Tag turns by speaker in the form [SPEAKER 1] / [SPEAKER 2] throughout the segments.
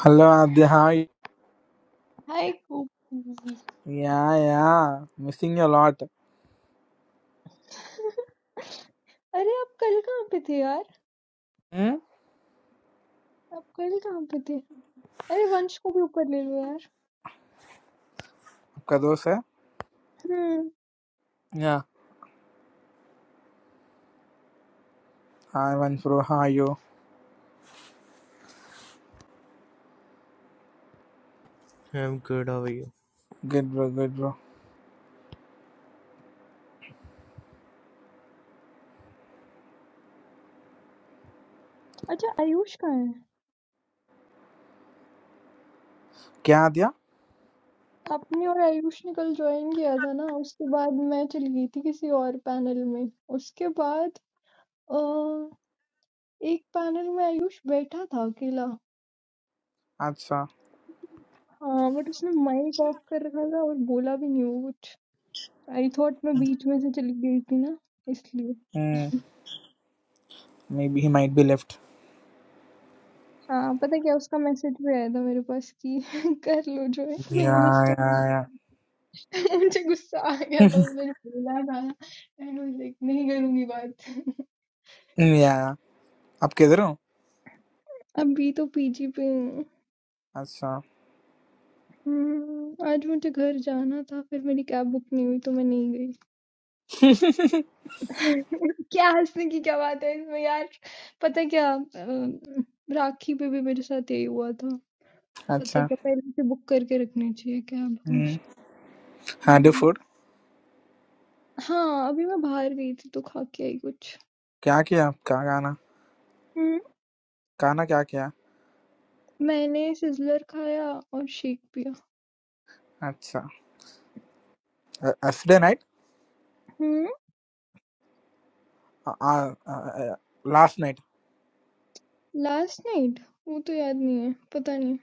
[SPEAKER 1] Hello आद्य हाय
[SPEAKER 2] हाय गोपी
[SPEAKER 1] या या मिसिंग यू लॉट
[SPEAKER 2] अरे आप कल कहाँ पे थे यार
[SPEAKER 1] हम्म
[SPEAKER 2] आप कल कहाँ पे थे अरे वंश को भी ऊपर ले लो यार
[SPEAKER 1] आपका दोस्त है
[SPEAKER 2] हम्म
[SPEAKER 1] yeah hi Vansh bro how are you
[SPEAKER 3] I'm good, how are you?
[SPEAKER 1] Good bro good bro
[SPEAKER 2] अच्छा आयुष कहाँ है
[SPEAKER 1] क्या आद्या
[SPEAKER 2] आपने और आयुष ने कल ज्वाइन किया था ना उसके बाद मैं चली गई थी किसी और पैनल में उसके बाद अ, एक पैनल में आयुष बैठा था अकेला
[SPEAKER 1] अच्छा
[SPEAKER 2] हाँ बट उसने माइक ऑफ कर रखा था और बोला भी नहीं वो कुछ आई थॉट मैं बीच में से चली गई थी ना इसलिए
[SPEAKER 1] hmm maybe he might be left
[SPEAKER 2] हाँ पता है क्या उसका मैसेज भी आया था मेरे पास कि कर लो जो है
[SPEAKER 1] या
[SPEAKER 2] लेकिन उस
[SPEAKER 1] या
[SPEAKER 2] टाइम
[SPEAKER 1] या
[SPEAKER 2] मुझे गुस्सा आ गया था उसने जो बोला था एंड लाइक नहीं करूंगी बात
[SPEAKER 1] हम्म, या या आप किधर हो
[SPEAKER 2] अभी तो पीजी पे हूँ
[SPEAKER 1] अच्छा
[SPEAKER 2] हम्म, आज मुझे घर जाना था फिर मेरी कैब बुक नहीं हुई तो मैं नहीं गई क्या हंसने की क्या बात है इसमें यार पता है क्या अम, राखी पे भी मेरे साथ यही हुआ था पता है
[SPEAKER 1] अच्छा
[SPEAKER 2] क्या पहले से बुक करके रखनी चाहिए कैब
[SPEAKER 1] हम्म
[SPEAKER 2] हमेशा
[SPEAKER 1] हैड
[SPEAKER 2] हम्म,
[SPEAKER 1] फूड
[SPEAKER 2] हाँ अभी मैं बाहर गई थी तो खा के आई कुछ
[SPEAKER 1] क्या किया आपका खाना
[SPEAKER 2] हम्म,
[SPEAKER 1] खाना क्या किया
[SPEAKER 2] मैंने सिजलर खाया और शेक पिया।
[SPEAKER 1] अच्छा yesterday night
[SPEAKER 2] hmm.
[SPEAKER 1] Last night
[SPEAKER 2] last night. वो तो याद नहीं है। पता नहीं।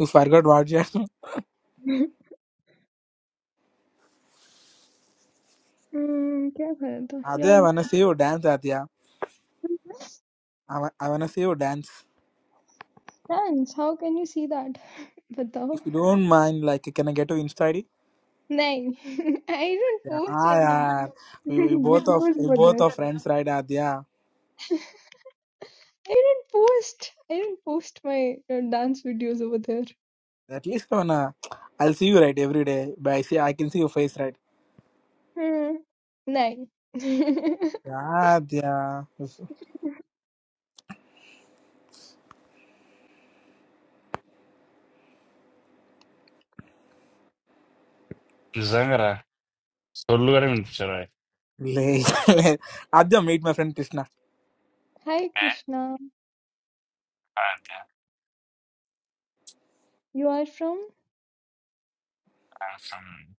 [SPEAKER 1] You forgot what you
[SPEAKER 2] hmm क्या खाया था?
[SPEAKER 1] आद्या
[SPEAKER 2] याद
[SPEAKER 1] आई वांट
[SPEAKER 2] नहीं।
[SPEAKER 1] See you dance Adya I want see you dance
[SPEAKER 2] dance how can you see date? बताओ।
[SPEAKER 1] If you don't mind, like, can I get your Insta ID?
[SPEAKER 2] नहीं। I don't
[SPEAKER 1] Yeah,
[SPEAKER 2] post any
[SPEAKER 1] yeah. We, we both of
[SPEAKER 2] videos
[SPEAKER 1] we
[SPEAKER 2] over
[SPEAKER 1] both
[SPEAKER 2] there।
[SPEAKER 1] are friends, right, Adya?
[SPEAKER 2] I don't post। I don't post my uh, dance videos over there।
[SPEAKER 1] At least wanna, I'll see you right every day. But I see I can see your face, right?
[SPEAKER 2] हम्म। नहीं।
[SPEAKER 1] Yeah, Adya.
[SPEAKER 4] जंगरा सोलुगारे में चला गया
[SPEAKER 1] Late. late. Adya, meet my friend Krishna.
[SPEAKER 2] हाय
[SPEAKER 4] है
[SPEAKER 2] कृष्णा।
[SPEAKER 4] आज्ञा
[SPEAKER 2] You are from
[SPEAKER 4] answer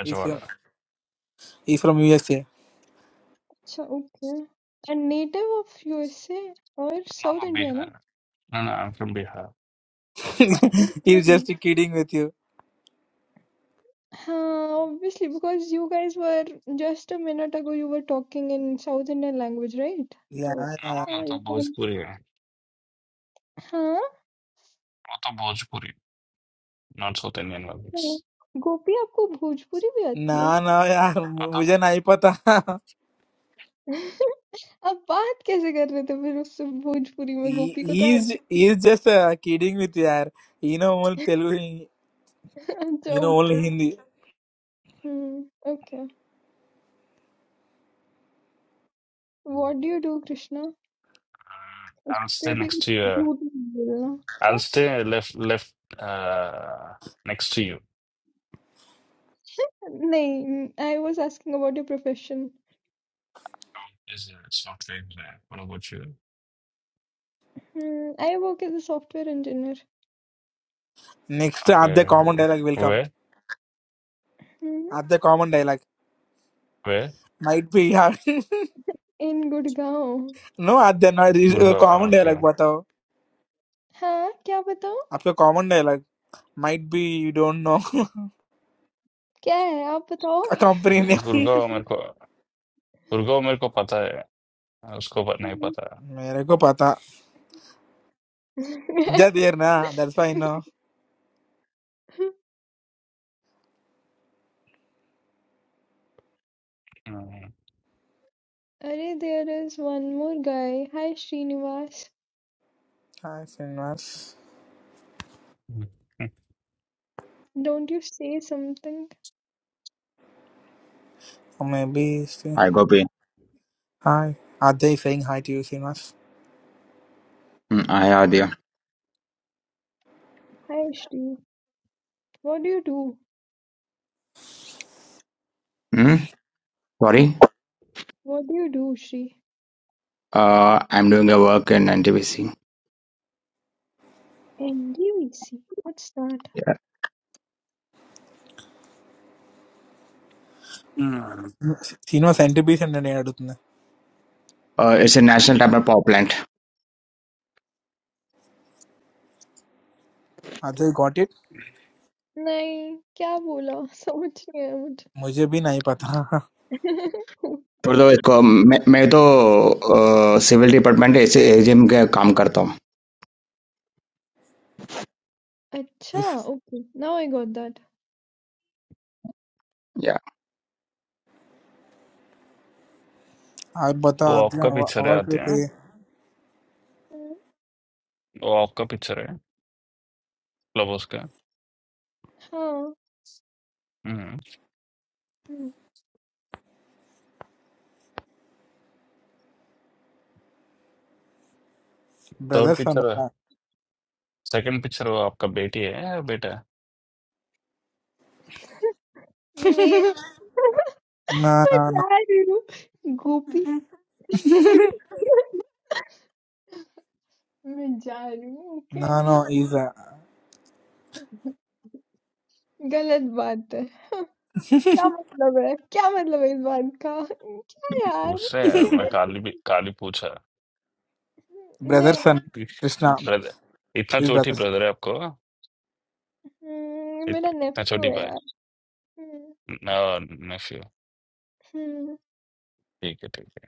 [SPEAKER 4] अच्छा
[SPEAKER 1] He's
[SPEAKER 4] वाला
[SPEAKER 1] from he's from USA.
[SPEAKER 2] अच्छा okay and native of USA और साउथ
[SPEAKER 4] नॉन
[SPEAKER 2] इंडिया ना
[SPEAKER 4] बिहार नॉन आंसर बिहार
[SPEAKER 2] अच्छा okay
[SPEAKER 1] he's just kidding with you.
[SPEAKER 2] हाँ obviously because you guys were just a minute ago you were talking in South Indian language right
[SPEAKER 1] Yeah,
[SPEAKER 2] तो
[SPEAKER 1] yeah.
[SPEAKER 4] Non ना
[SPEAKER 2] हाँ you
[SPEAKER 4] तो बहुत
[SPEAKER 2] can
[SPEAKER 4] पूरी है
[SPEAKER 2] हाँ
[SPEAKER 4] वो तो बहुत पूरी नॉट सोचते हैं न्यानवालिक्स
[SPEAKER 2] हाँ। गोपी आपको भोजपुरी भी आती है
[SPEAKER 1] Nah, nah, yeah.
[SPEAKER 4] अत
[SPEAKER 1] मुझे
[SPEAKER 4] हूँ
[SPEAKER 1] नहीं पता.
[SPEAKER 2] आप बात कैसे कर रहे थे फिर उससे भोजपुरी में
[SPEAKER 1] He
[SPEAKER 2] गोपी को तो
[SPEAKER 1] he's
[SPEAKER 2] आती
[SPEAKER 1] he's just uh, kidding with you, यार. You know only Telugu.
[SPEAKER 2] अच्छा
[SPEAKER 1] You know only
[SPEAKER 2] okay
[SPEAKER 1] Hindi.
[SPEAKER 2] Hmm okay what do you do Krishna
[SPEAKER 4] I बस
[SPEAKER 2] कोई भी
[SPEAKER 4] टेक्स्ट यू
[SPEAKER 2] झूठ
[SPEAKER 4] आई
[SPEAKER 2] नहीं बोलना क्या
[SPEAKER 4] बस left left ah next you
[SPEAKER 2] No, I was asking about your profession.
[SPEAKER 4] Is stock famous है वो लोगों के
[SPEAKER 2] Hmm, I work as a software engineer
[SPEAKER 1] Next,
[SPEAKER 4] okay
[SPEAKER 1] add the common dialogue will come.
[SPEAKER 4] वह
[SPEAKER 2] hmm,
[SPEAKER 1] Add the common dialogue.
[SPEAKER 4] वे
[SPEAKER 1] Might be yeah.
[SPEAKER 2] in Gurgaon
[SPEAKER 1] no, add the no, re- uh,
[SPEAKER 4] Gurgaon
[SPEAKER 1] common
[SPEAKER 4] okay
[SPEAKER 1] dialogue. बताओ
[SPEAKER 2] हाँ क्या बताओ
[SPEAKER 1] आपका common dialogue. Might be you don't know.
[SPEAKER 2] क्या है आप बताओ
[SPEAKER 1] A company name.
[SPEAKER 2] Hmm.
[SPEAKER 1] मेरे को पता अज्जा देर ना that's why I know
[SPEAKER 4] गु
[SPEAKER 2] अरे there is one more guy hi Srinivas
[SPEAKER 1] hi Sinvas
[SPEAKER 4] hmm,
[SPEAKER 2] don't you say something
[SPEAKER 1] or maybe see
[SPEAKER 5] Hi, Gopi.
[SPEAKER 1] hi Ajay is saying hi to you Sinvas
[SPEAKER 5] Mm, hi, Adya.
[SPEAKER 2] hi Shri what do you do
[SPEAKER 5] Mm, sorry,
[SPEAKER 2] what do you do Shri
[SPEAKER 5] uh, I'm doing a work in NTPC.
[SPEAKER 2] NDVC what's that
[SPEAKER 1] Sinvas centerpiece and नहीं अड़ुतने
[SPEAKER 5] Uh, it's a national type power plant
[SPEAKER 1] Ajay got it
[SPEAKER 2] नहीं क्या बोला समझ नहीं आया
[SPEAKER 1] मुझे भी नहीं पता
[SPEAKER 2] मुझे
[SPEAKER 5] और तो इसको मैं, मैं तो సివిల్ డిపార్ట్మెంట్ ఏసీ ఏజిఎం గా కామ్ కర్తాం
[SPEAKER 2] अच्छा,
[SPEAKER 1] इस
[SPEAKER 2] okay, now I got that.
[SPEAKER 5] Yeah
[SPEAKER 1] आप
[SPEAKER 4] वो
[SPEAKER 1] बताओ अजय
[SPEAKER 4] आपका पिक्चर है आते हैं
[SPEAKER 1] आवाज
[SPEAKER 2] हुँ,
[SPEAKER 4] वो आपका पिक्चर है क्लब उसका
[SPEAKER 2] हाँ,
[SPEAKER 4] हम्म
[SPEAKER 2] हुँ,
[SPEAKER 4] थर्ड
[SPEAKER 1] ब्रदर्स
[SPEAKER 4] पिक्चर है
[SPEAKER 1] ना
[SPEAKER 4] सेकंड पिक्चर वो आपका बेटी है या बेटा है
[SPEAKER 2] मैं
[SPEAKER 1] ना
[SPEAKER 2] मैं
[SPEAKER 1] ना
[SPEAKER 2] जा रही हूँ गोपी। मैं जा रही हूँ,
[SPEAKER 1] ना
[SPEAKER 2] ओके।
[SPEAKER 1] no
[SPEAKER 2] गलत बात है। क्या मतलब है? क्या मतलब है इस बात का? क्या यार?
[SPEAKER 4] उससे
[SPEAKER 2] गलत
[SPEAKER 4] मैं काली भी काली पूछा
[SPEAKER 1] బ్రదర్స్
[SPEAKER 2] नहीं,
[SPEAKER 1] అండ్ కృష్ణ
[SPEAKER 4] ब्रदर इतना
[SPEAKER 1] ఇది
[SPEAKER 4] छोटी
[SPEAKER 1] బ్రదర్స్
[SPEAKER 4] ब्रदर है आपको
[SPEAKER 2] हुँ,
[SPEAKER 4] इत,
[SPEAKER 2] मेरा
[SPEAKER 4] इतना
[SPEAKER 2] नेफ्यू
[SPEAKER 4] छोटी
[SPEAKER 2] है
[SPEAKER 4] भाई
[SPEAKER 2] यार। हुँ,
[SPEAKER 4] ना नेफ्यू
[SPEAKER 2] हुँ,
[SPEAKER 4] ठीक है ठीक है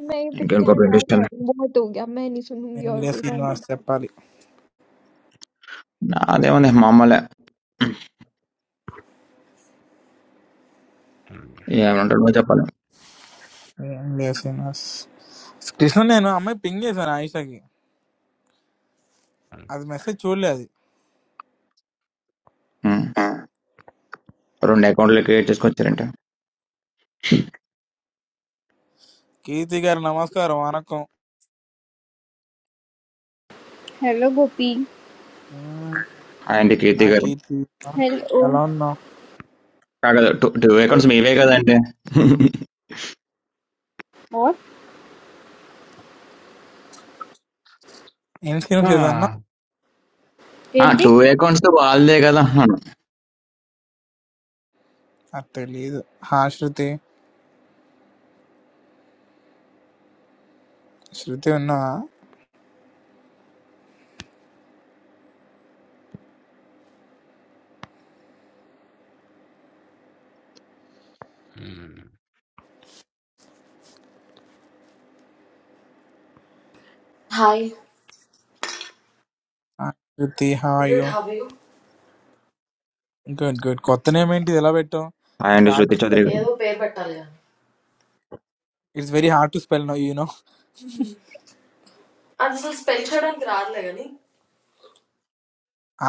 [SPEAKER 2] मैं ये
[SPEAKER 5] ఇంకెందుకో
[SPEAKER 2] पिक्चर हटा के आ
[SPEAKER 5] ఇండస్ట్రియల్
[SPEAKER 2] रही हूँ, बहुत हो गया, मैं नहीं सुनूँगी
[SPEAKER 1] ఏం
[SPEAKER 2] और
[SPEAKER 1] లేదు
[SPEAKER 2] कोई डायलॉग।
[SPEAKER 1] శ్రీనివాస్ చెప్పాలి
[SPEAKER 5] నాదేముంది మామూలే
[SPEAKER 4] हम्म,
[SPEAKER 5] ఏమంటాడో చెప్పాలి
[SPEAKER 1] ఏం లేదు శ్రీనివాస్ కృష్ణ నేను అమ్మాయి పింగ్ చేశాను ఆయిషాకి
[SPEAKER 4] हम्म।
[SPEAKER 1] అది మెసేజ్ చూడలేదు అది
[SPEAKER 5] ఉమ్, రెండు అకౌంట్లు క్రియేట్ చేసుకొచ్చారంటే
[SPEAKER 1] కీర్తి గారు నమస్కారం వనకం
[SPEAKER 6] Hello, Gopi.
[SPEAKER 1] మ్మ్.
[SPEAKER 5] అండ్ కీర్తి
[SPEAKER 1] ఆ
[SPEAKER 5] గారు
[SPEAKER 1] కీర్తి
[SPEAKER 6] Hello.
[SPEAKER 1] ఎలా ఉన్నావు
[SPEAKER 5] కాదు టూ టూ అకౌంట్స్ మీవే కదండి
[SPEAKER 6] What?
[SPEAKER 1] ఏం శ్రీనివాస్ ఏదన్నా
[SPEAKER 4] हाँ
[SPEAKER 5] ఆ
[SPEAKER 6] Tente?
[SPEAKER 5] టూ అకౌంట్స్ వాళ్ళదే కదా
[SPEAKER 1] అది తెలీదు హా శృతి శృతి ఉన్నావా
[SPEAKER 7] హాయ్
[SPEAKER 1] హా, Shruti hi
[SPEAKER 7] good how you
[SPEAKER 1] good good కొత్త నేమ్ ఏంటి ఇది ఎలా పెట్టావు it's
[SPEAKER 5] and
[SPEAKER 1] hard to
[SPEAKER 5] Shruti Chaudhary
[SPEAKER 1] spell
[SPEAKER 5] గారు
[SPEAKER 7] ఏదో పేరు పెట్టాలి కానీ
[SPEAKER 1] it's very hard to spell no you know
[SPEAKER 7] అది అసలు స్పెల్ చేయడానికి రాదులే కానీ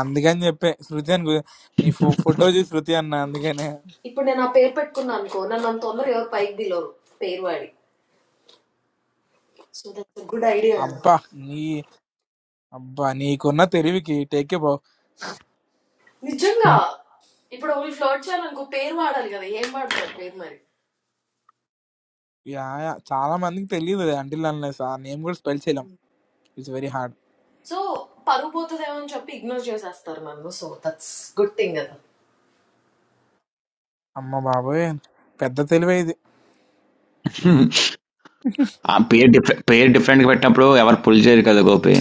[SPEAKER 1] అందుకని చెప్పే శృతి అని గు- నీ ఫో- ఫోటో చూసి శృతి అన్న అందుకనే
[SPEAKER 7] ఇప్పుడు నేను ఆ పేరు పెట్టుకున్నా అనుకో నన్ను అంత తొందర ఎవరు పైకి దిలోరు పేరు వాడి సో దట్స్ గుడ్ ఐడియా కదా
[SPEAKER 1] అబ్బా! నీ అబ్బా! నీకున్న తెలివికి టేక్ ఎ బౌ.
[SPEAKER 7] నిజంగా ఇప్పుడు ఒకళ్ళు ఫ్లోట్ చేయాలనుకో పేరు వాడాలి కదా ఏం వాడతారు పేరు మరి
[SPEAKER 1] యాహ్! యాహ్! చాలా మందికి తెలీదు అంటిల్ అన్‌లెస్ ఆ నేమ్ గూడా స్పెల్ చేయలేం. It's very hard.
[SPEAKER 7] సో పరువు పోతుందేమో అని చెప్పి ఇగ్నోర్ చేసేస్తారు నన్ను సో దట్స్ గుడ్ థింగ్ కదా
[SPEAKER 1] అమ్మ బాబోయ్! పెద్ద తెలివే ఇది.
[SPEAKER 5] ఆ పేరు డిఫరెంట్ పేరు డిఫరెంట్ గా పెట్టినప్పుడు ఎవరు పుల్ చేయరు కదా గోపి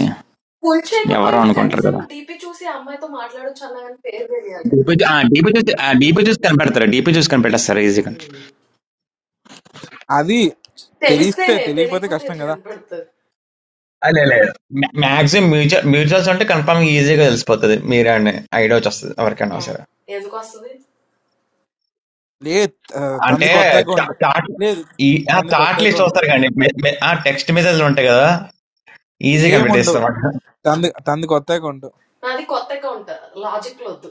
[SPEAKER 7] ఫుల్
[SPEAKER 5] ఎవరో
[SPEAKER 7] చేయకపోయినా
[SPEAKER 5] అనుకుంటారు
[SPEAKER 7] కనీసం
[SPEAKER 5] కదా
[SPEAKER 7] డీపీ చూసి ఆ అమ్మాయితో మాట్లాడొచ్చు అన్నా కానీ పేరు తెలియాలి కదా
[SPEAKER 5] డీపీ చూ- ఆ, డీపీ చూసి ఆ, డీపీ చూసి కనిపెడతారు డీపీ చూసి కనిపెట్టేస్తారు ఈజీగా
[SPEAKER 7] Hmm.
[SPEAKER 1] అది తెలిస్తే
[SPEAKER 7] తెలిస్తేనే
[SPEAKER 1] తెలియకపోతే
[SPEAKER 7] తెలియకపోతే
[SPEAKER 1] కష్టం
[SPEAKER 7] ఎట్లా
[SPEAKER 1] గదా!
[SPEAKER 7] కనపడుతుంది
[SPEAKER 5] అదే లేదు మాక్సిమం మ్యూచువల్ మ్యూచువల్స్ అంటే కన్ఫర్మ్ ఈజీగా తెలిసిపోతుంది మీరే ఐడియా వచ్చేస్తుంది ఎవరికైనా సరే
[SPEAKER 7] ఎందుకు వస్తుంది
[SPEAKER 1] లేదు ఆహ్,
[SPEAKER 5] అంటే
[SPEAKER 1] తనది కొత్త అకౌంట్.
[SPEAKER 5] చాట్
[SPEAKER 1] లేదు
[SPEAKER 5] ఈ
[SPEAKER 1] తనది కొత్త
[SPEAKER 5] చాట్ లిస్ట్
[SPEAKER 1] అకౌంట్.
[SPEAKER 5] వస్తారు కానీ ఆ టెక్స్ట్ మెసేజ్లు ఉంటాయి కదా ఈజీ
[SPEAKER 1] ఏముండవు.
[SPEAKER 5] కనిపెట్టేస్తాం అక్కడ.
[SPEAKER 1] తనది తనది కొత్త అకౌంట్.
[SPEAKER 7] నాది కొత్త అకౌంట్ లాజిక్ లో వద్దు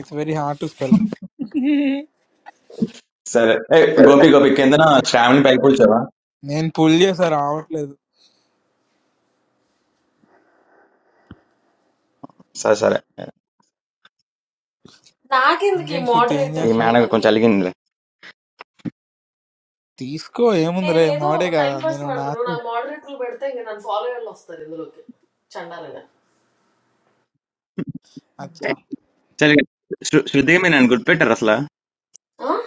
[SPEAKER 1] it's very hard to spell.
[SPEAKER 5] సరే ఏ, గోపి గోపి కిందన శ్రావణి పైకి కూర్చోవా
[SPEAKER 1] నేను పుల్ చేశా రావట్లేదు.
[SPEAKER 5] సరే సరే
[SPEAKER 7] నాకెందుకు ఈ
[SPEAKER 1] ఇంకేంటి శృతి ఏం
[SPEAKER 5] ఈ
[SPEAKER 7] మోడరేటర్లు
[SPEAKER 1] చేస్తున్నావు?
[SPEAKER 5] మేనగ కొంచెం
[SPEAKER 7] ఇవన్నీ
[SPEAKER 5] అలిగిందిలే
[SPEAKER 1] తీసుకో ఏముందిలే
[SPEAKER 7] నేనేదో
[SPEAKER 1] మొగుడే
[SPEAKER 7] టైం
[SPEAKER 1] గదా!
[SPEAKER 7] పాస్ కి
[SPEAKER 1] నేను నా
[SPEAKER 7] పెడతాను నాకు మోడరేటర్లు పెడితే ఇంకా నన్ను ఫాలో వాళ్ళు వస్తారు ఇందులోకి చండాలంగా
[SPEAKER 5] సరే శృ- శృతి మీరు నన్ను గుర్తుపెట్టారు అసలు
[SPEAKER 7] ఆ?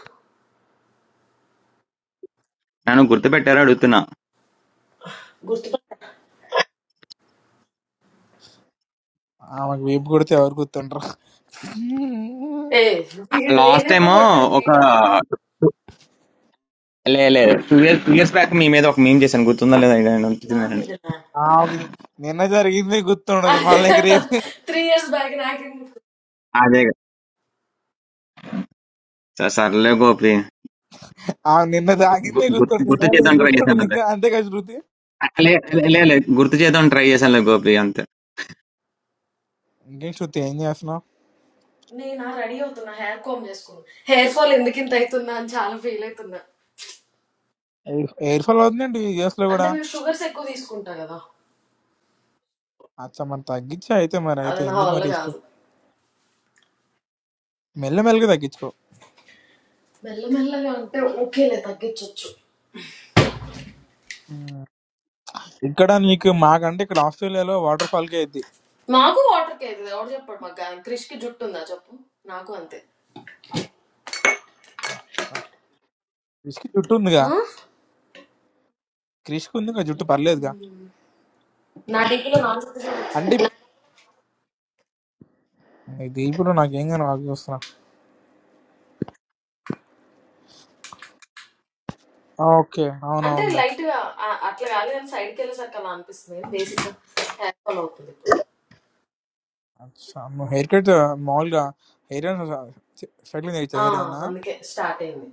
[SPEAKER 5] నన్ను గుర్తుపెట్టారో అడుగుతున్నా.
[SPEAKER 7] గుర్తు
[SPEAKER 1] ఆమెకు వీపు కొడితే ఎవరు గుర్తుంటారు
[SPEAKER 7] ఏ వీడు నేను
[SPEAKER 5] లాస్ట్ టైమ్
[SPEAKER 7] ఎప్పుడు కొట్టాను
[SPEAKER 5] ఒక
[SPEAKER 7] వీడు
[SPEAKER 5] లే లే two years two years back మీ మీద ఒక మేం చేశాను గుర్తుందా లేదా ఇక నేను
[SPEAKER 7] నా
[SPEAKER 5] గుర్తుందండి.
[SPEAKER 7] మీద
[SPEAKER 1] ఆమెకు నిన్న జరిగింది గుర్తుండదు మళ్ళీ ఇంక రేపు
[SPEAKER 7] త్రీ ఇయర్స్ బ్యాక్ నాకేం గుర్తు?
[SPEAKER 5] అదే కదా. స- సర్లే గోపి
[SPEAKER 1] ఆమె నిన్న తాగింది
[SPEAKER 5] గు- గు-
[SPEAKER 1] గుర్తుంటుంది
[SPEAKER 5] గుర్తు
[SPEAKER 1] కానీ ఇది
[SPEAKER 5] చేద్దాం ట్రై
[SPEAKER 1] గుర్తుండదు
[SPEAKER 5] చేశాను
[SPEAKER 1] ఇంకా అంతే కదా శృతి
[SPEAKER 5] లే లే లే, లే, గుర్తు చేద్దాం ట్రై చేశాను గోపి అంతే
[SPEAKER 1] ఇంకేం శృతి ఏం చేస్తున్నావు
[SPEAKER 7] నేనా రెడీ అవుతున్నా హెయిర్ కామ్ చేసుకున్నా హెయిర్ ఫాల్ ఎందుకు ఇంత అవుతున్నా అని చాలా ఫీల్ అవుతున్నా
[SPEAKER 1] ఎయిర్ ఫాల్ అవుతుందండి యూఎస్ లో
[SPEAKER 7] అంటే
[SPEAKER 1] కూడా
[SPEAKER 7] నేను షుగర్స్ ఎక్కువ తీసుకుంటా కదా
[SPEAKER 1] అచ్చా మరి తగ్గించే అయితే మరి అయితే
[SPEAKER 7] అది నా
[SPEAKER 1] ఎందుకు
[SPEAKER 7] వల్ల
[SPEAKER 1] మరి తీసుకో
[SPEAKER 7] కాదు
[SPEAKER 1] మెల్లమెల్లగా తగ్గించుకో
[SPEAKER 7] మెల్లమెల్లగా అంటే ఓకేలే తగ్గించవచ్చు
[SPEAKER 1] ఉమ్. ఇక్కడ నీకు మాకంటే ఇక్కడ ఆస్ట్రేలియాలో వాటర్ ఫాల్ కే అయింది
[SPEAKER 7] మాకు వాటర్ కేక్ ఎవరు చెప్పాడు మాకు క్రిష్ కి జుట్టు ఉందా చెప్పు నాకు అంతే
[SPEAKER 1] క్రిష్కి జుట్టు ఉందిగా
[SPEAKER 7] ఆ?
[SPEAKER 1] క్రిష్కి ఉంది ఇంకా జుట్టు పర్లేదుగా
[SPEAKER 7] మ్మ్. నా డిగ్రీలో నా జుట్టు చూడు
[SPEAKER 1] అంటే
[SPEAKER 7] ఒకసారి
[SPEAKER 1] ఇది ఇప్పుడు నాకేం కానీ వాకి వస్తున్నా ఓకే
[SPEAKER 7] అంటే
[SPEAKER 1] అవునవునులే
[SPEAKER 7] లైట్ గా ఆ- అట్లా కాదు కానీ సైడ్ కి వెళ్ళేసరికి అలా అనిపిస్తుంది బేసిక్ గా హెయిర్ ఫాల్ అవుతుంది ఇప్పుడు
[SPEAKER 1] అచ్చా నువ్వు హెయిర్ కట్ మామూలుగా హెయిర్ స్ట్రైట్లింగ్ తెచ్చా
[SPEAKER 7] ఆ,
[SPEAKER 1] హెయిర్ ఏమన్నా
[SPEAKER 7] అందుకే స్టార్ట్ అయింది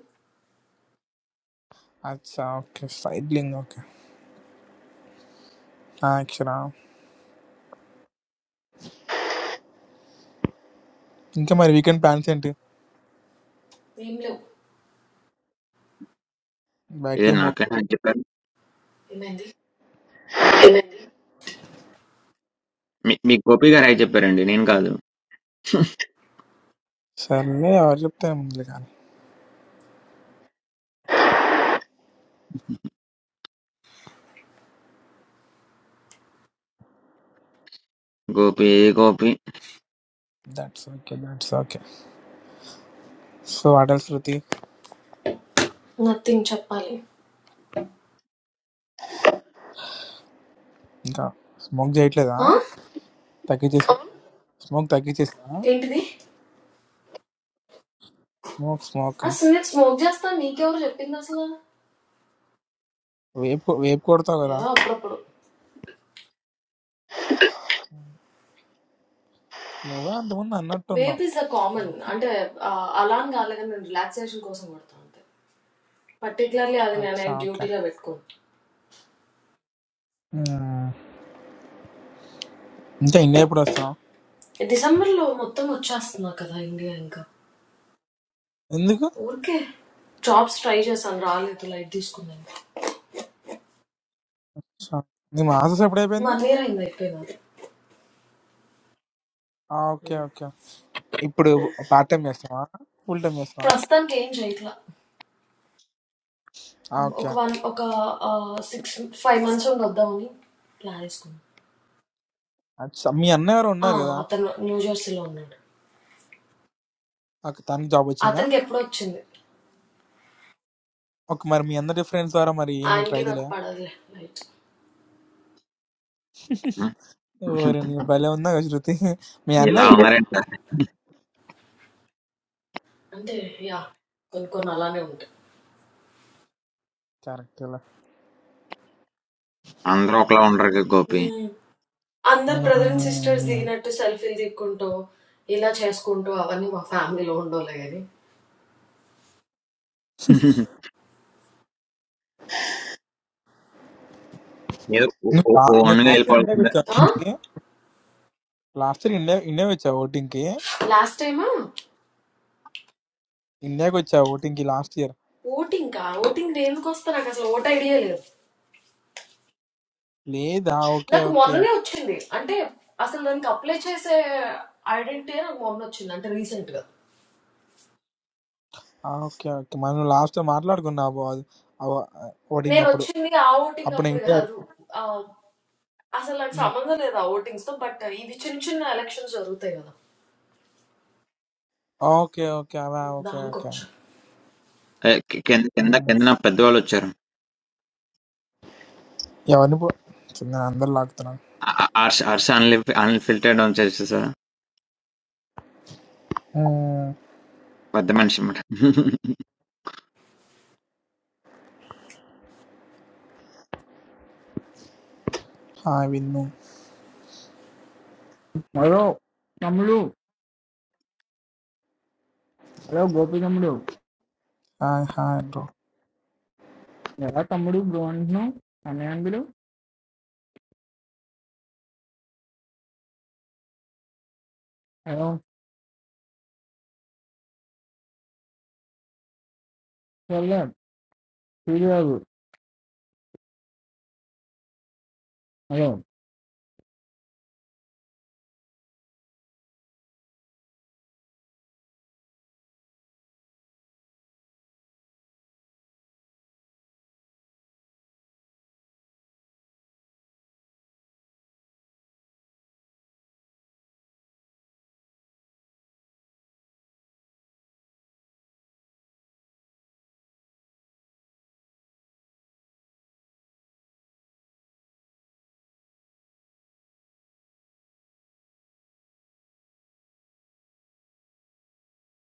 [SPEAKER 1] అచ్చా ఓకే స్ట్రైట్లింగ్ ఓకే అక్షరా ఇంకా మరి వీకెండ్ ప్లాన్స్ ఏంటి
[SPEAKER 7] ఏం లేవు
[SPEAKER 1] బయటికి
[SPEAKER 5] ఇదే
[SPEAKER 1] ఏం పో
[SPEAKER 5] నాకే హై చెప్పారు
[SPEAKER 7] ఏమైంది
[SPEAKER 5] మీ మీ గోపి గారు హై చెప్పారండి నేను కాదు
[SPEAKER 1] సర్లే ఎవరు చెప్తే ముందులే కానీ
[SPEAKER 5] Gopi Gopi
[SPEAKER 1] that's okay that's okay so water Shruti
[SPEAKER 7] nothing చెప్పాలి
[SPEAKER 1] ఇంకా స్మోక్ చేయట్లేదా
[SPEAKER 7] ఆ
[SPEAKER 1] తగ్గించేసా స్మోక్ తగ్గించేసా
[SPEAKER 7] ఏంటిది
[SPEAKER 1] స్మోక్ స్మోక్
[SPEAKER 7] అసలు నేను స్మోక్ చేస్తా నీకెవరు చెప్పింది అసలు
[SPEAKER 1] వేపు వేపు కొడతావు కదా
[SPEAKER 7] ఏదో అప్పుడప్పుడు
[SPEAKER 1] నువ్వే అంతకుముందు
[SPEAKER 7] వేప్
[SPEAKER 1] అన్నట్టున్నావు
[SPEAKER 7] ఇస్ ద కామన్ అంటే ఆ, అలా అని కాలేదు కానీ నేను రిలాక్సేషన్ కోసం కొడతాను అంతే పర్టికులర్లీ అది
[SPEAKER 1] అచ్చా
[SPEAKER 7] నేను
[SPEAKER 1] ఓకే
[SPEAKER 7] డ్యూటీలో పెట్టుకోను.
[SPEAKER 1] ఉమ్. ఇంకా ఇండియా ఎప్పుడు వస్తున్నావు
[SPEAKER 7] డిసెంబర్లో మొత్తం వచ్చేస్తున్నా కదా ఇండియా ఇంకా.
[SPEAKER 1] ఎందుకు
[SPEAKER 7] ఊరికే జాబ్స్ ట్రై చేశాను రాలేదు లైట్ తీసుకున్నాను.
[SPEAKER 1] అచ్చా, నీ మాసస్ ఎప్పుడు అయిపోయింది
[SPEAKER 7] వన్ ఇయర్ అయింది అయిపోయినది.
[SPEAKER 1] ఆ, ఓకే ఓకే ఇప్పుడు పార్ట్ టైం చేస్తావా ఫుల్ టైం చేస్తావా
[SPEAKER 7] ప్రస్తుతానికి ఏం చేయట్లా.
[SPEAKER 1] ఆ,
[SPEAKER 7] ఒక
[SPEAKER 1] ఓకే
[SPEAKER 7] వన్ ఒక సిక్స్ ఫైవ్ మంత్స్ ఉండి వద్దామని ప్లాన్ వేసుకున్నాను.
[SPEAKER 1] అచ్చా, మీ అన్న ఎవరు
[SPEAKER 7] ఆ,
[SPEAKER 1] ఉన్నారు కదా
[SPEAKER 7] అతను న్యూ జెర్సీలో ఉన్నాడు.
[SPEAKER 1] ఒక తనకి జాబ్ వచ్చిందా
[SPEAKER 7] అతనికి ఎప్పుడో వచ్చింది.
[SPEAKER 1] ఒక మరి మీ అందరి ఫ్రెండ్స్ ద్వారా మరి ఏమి
[SPEAKER 7] ఆయనకి
[SPEAKER 1] ట్రై
[SPEAKER 7] నాకు
[SPEAKER 1] చేయలేదా
[SPEAKER 7] పడదులే లైట్.
[SPEAKER 5] హ్మ్,
[SPEAKER 1] ఓరి నీ భలే ఉందా కదా శృతి మీ
[SPEAKER 5] ఇలా
[SPEAKER 1] అన్నయ్య కదా
[SPEAKER 5] ఉన్నారంట
[SPEAKER 7] అంటే యా కొన్ని కొన్ని అలానే ఉంటాయి.
[SPEAKER 1] క్యారెక్టర్
[SPEAKER 5] అందరూ ఒకలా ఉండరు కదా గోపి
[SPEAKER 7] మ్మ్. అందరు బ్రదర్ అండ్ సిస్టర్స్ దిగినట్టు సెల్ఫీలు దిక్కుంటూ ఇలా చేసుకుంటూ అవన్నీ మా ఫ్యామిలీలో ఉండోలే
[SPEAKER 5] ఏదో ఓ-
[SPEAKER 1] నువ్వు
[SPEAKER 5] ఓ-
[SPEAKER 1] లా- నువ్వు
[SPEAKER 5] ఓన్గా
[SPEAKER 1] లాస్ట్ ఇయర్ ఇండియాకి
[SPEAKER 5] వెళ్ళిపోవాల్సిందే
[SPEAKER 1] వచ్చావు
[SPEAKER 7] కానీ
[SPEAKER 1] శృతి లాస్ట్ ఇయర్ ఇండియా ఇండియాకి వచ్చావు ఓటింగ్ కి
[SPEAKER 7] లాస్ట్ టైమ్
[SPEAKER 1] ఇండియాకి వచ్చావు ఓటింగ్ కి లాస్ట్ ఇయర్
[SPEAKER 7] ఓటింగ్ ఓటింగ్ ఎందుకు వస్తా నాకు అసలు ఓట్ ఐడియా లేదు
[SPEAKER 1] లేదా ఓకే
[SPEAKER 7] నాకు
[SPEAKER 1] ఓకే
[SPEAKER 7] మొన్ననే వచ్చింది అంటే అసలు దానికి అప్లై చేసే ఐడెంటిటీ నాకు మొన్న వచ్చింది అంటే రీసెంట్ గా
[SPEAKER 1] ఆ, ఓకే ఓకే మనం లాస్ట్ మాట్లాడుకున్నావు ఓటింగ్
[SPEAKER 7] నేను
[SPEAKER 1] అప్పుడు
[SPEAKER 7] వచ్చింది ఆ ఓటింగ్
[SPEAKER 1] అప్పుడు నేను
[SPEAKER 7] అప్పుడు
[SPEAKER 1] ఇండియా
[SPEAKER 7] కాదు ఆ, అసలు నాకు సంబంధం లేదు ఆ ఓటింగ్స్ తో బట్ ఇవి చిన్న చిన్న ఎలక్షన్స్ జరుగుతాయి కదా
[SPEAKER 1] ఓకే. ఓకే. అలా ఓకే.
[SPEAKER 7] దానికి
[SPEAKER 1] ఓకే.
[SPEAKER 7] వచ్చా
[SPEAKER 5] ఏ, కి- కింద కింద
[SPEAKER 1] హ్మ్.
[SPEAKER 5] కింద నా పెద్దవాళ్ళు వచ్చారు
[SPEAKER 1] ఎవరిని పో కిందన అందరు లాగుతున్నారు.
[SPEAKER 5] అర్ష్ 'అర్ష్' అన్‌లిఫ్ అన్‌ఫిల్టర్డ్ ఆన్ చేసేసారా?
[SPEAKER 1] హ్మ్.
[SPEAKER 5] పెద్ద మనిషన్నమాట.
[SPEAKER 1] Hi Vinnu.
[SPEAKER 8] Hello, Tamilu. Hello, Gopi Tamilu.
[SPEAKER 1] Hi hi bro.
[SPEAKER 8] Hello, Tamilu, grown no? I mean, I believe. Hello, Kerala. Hello.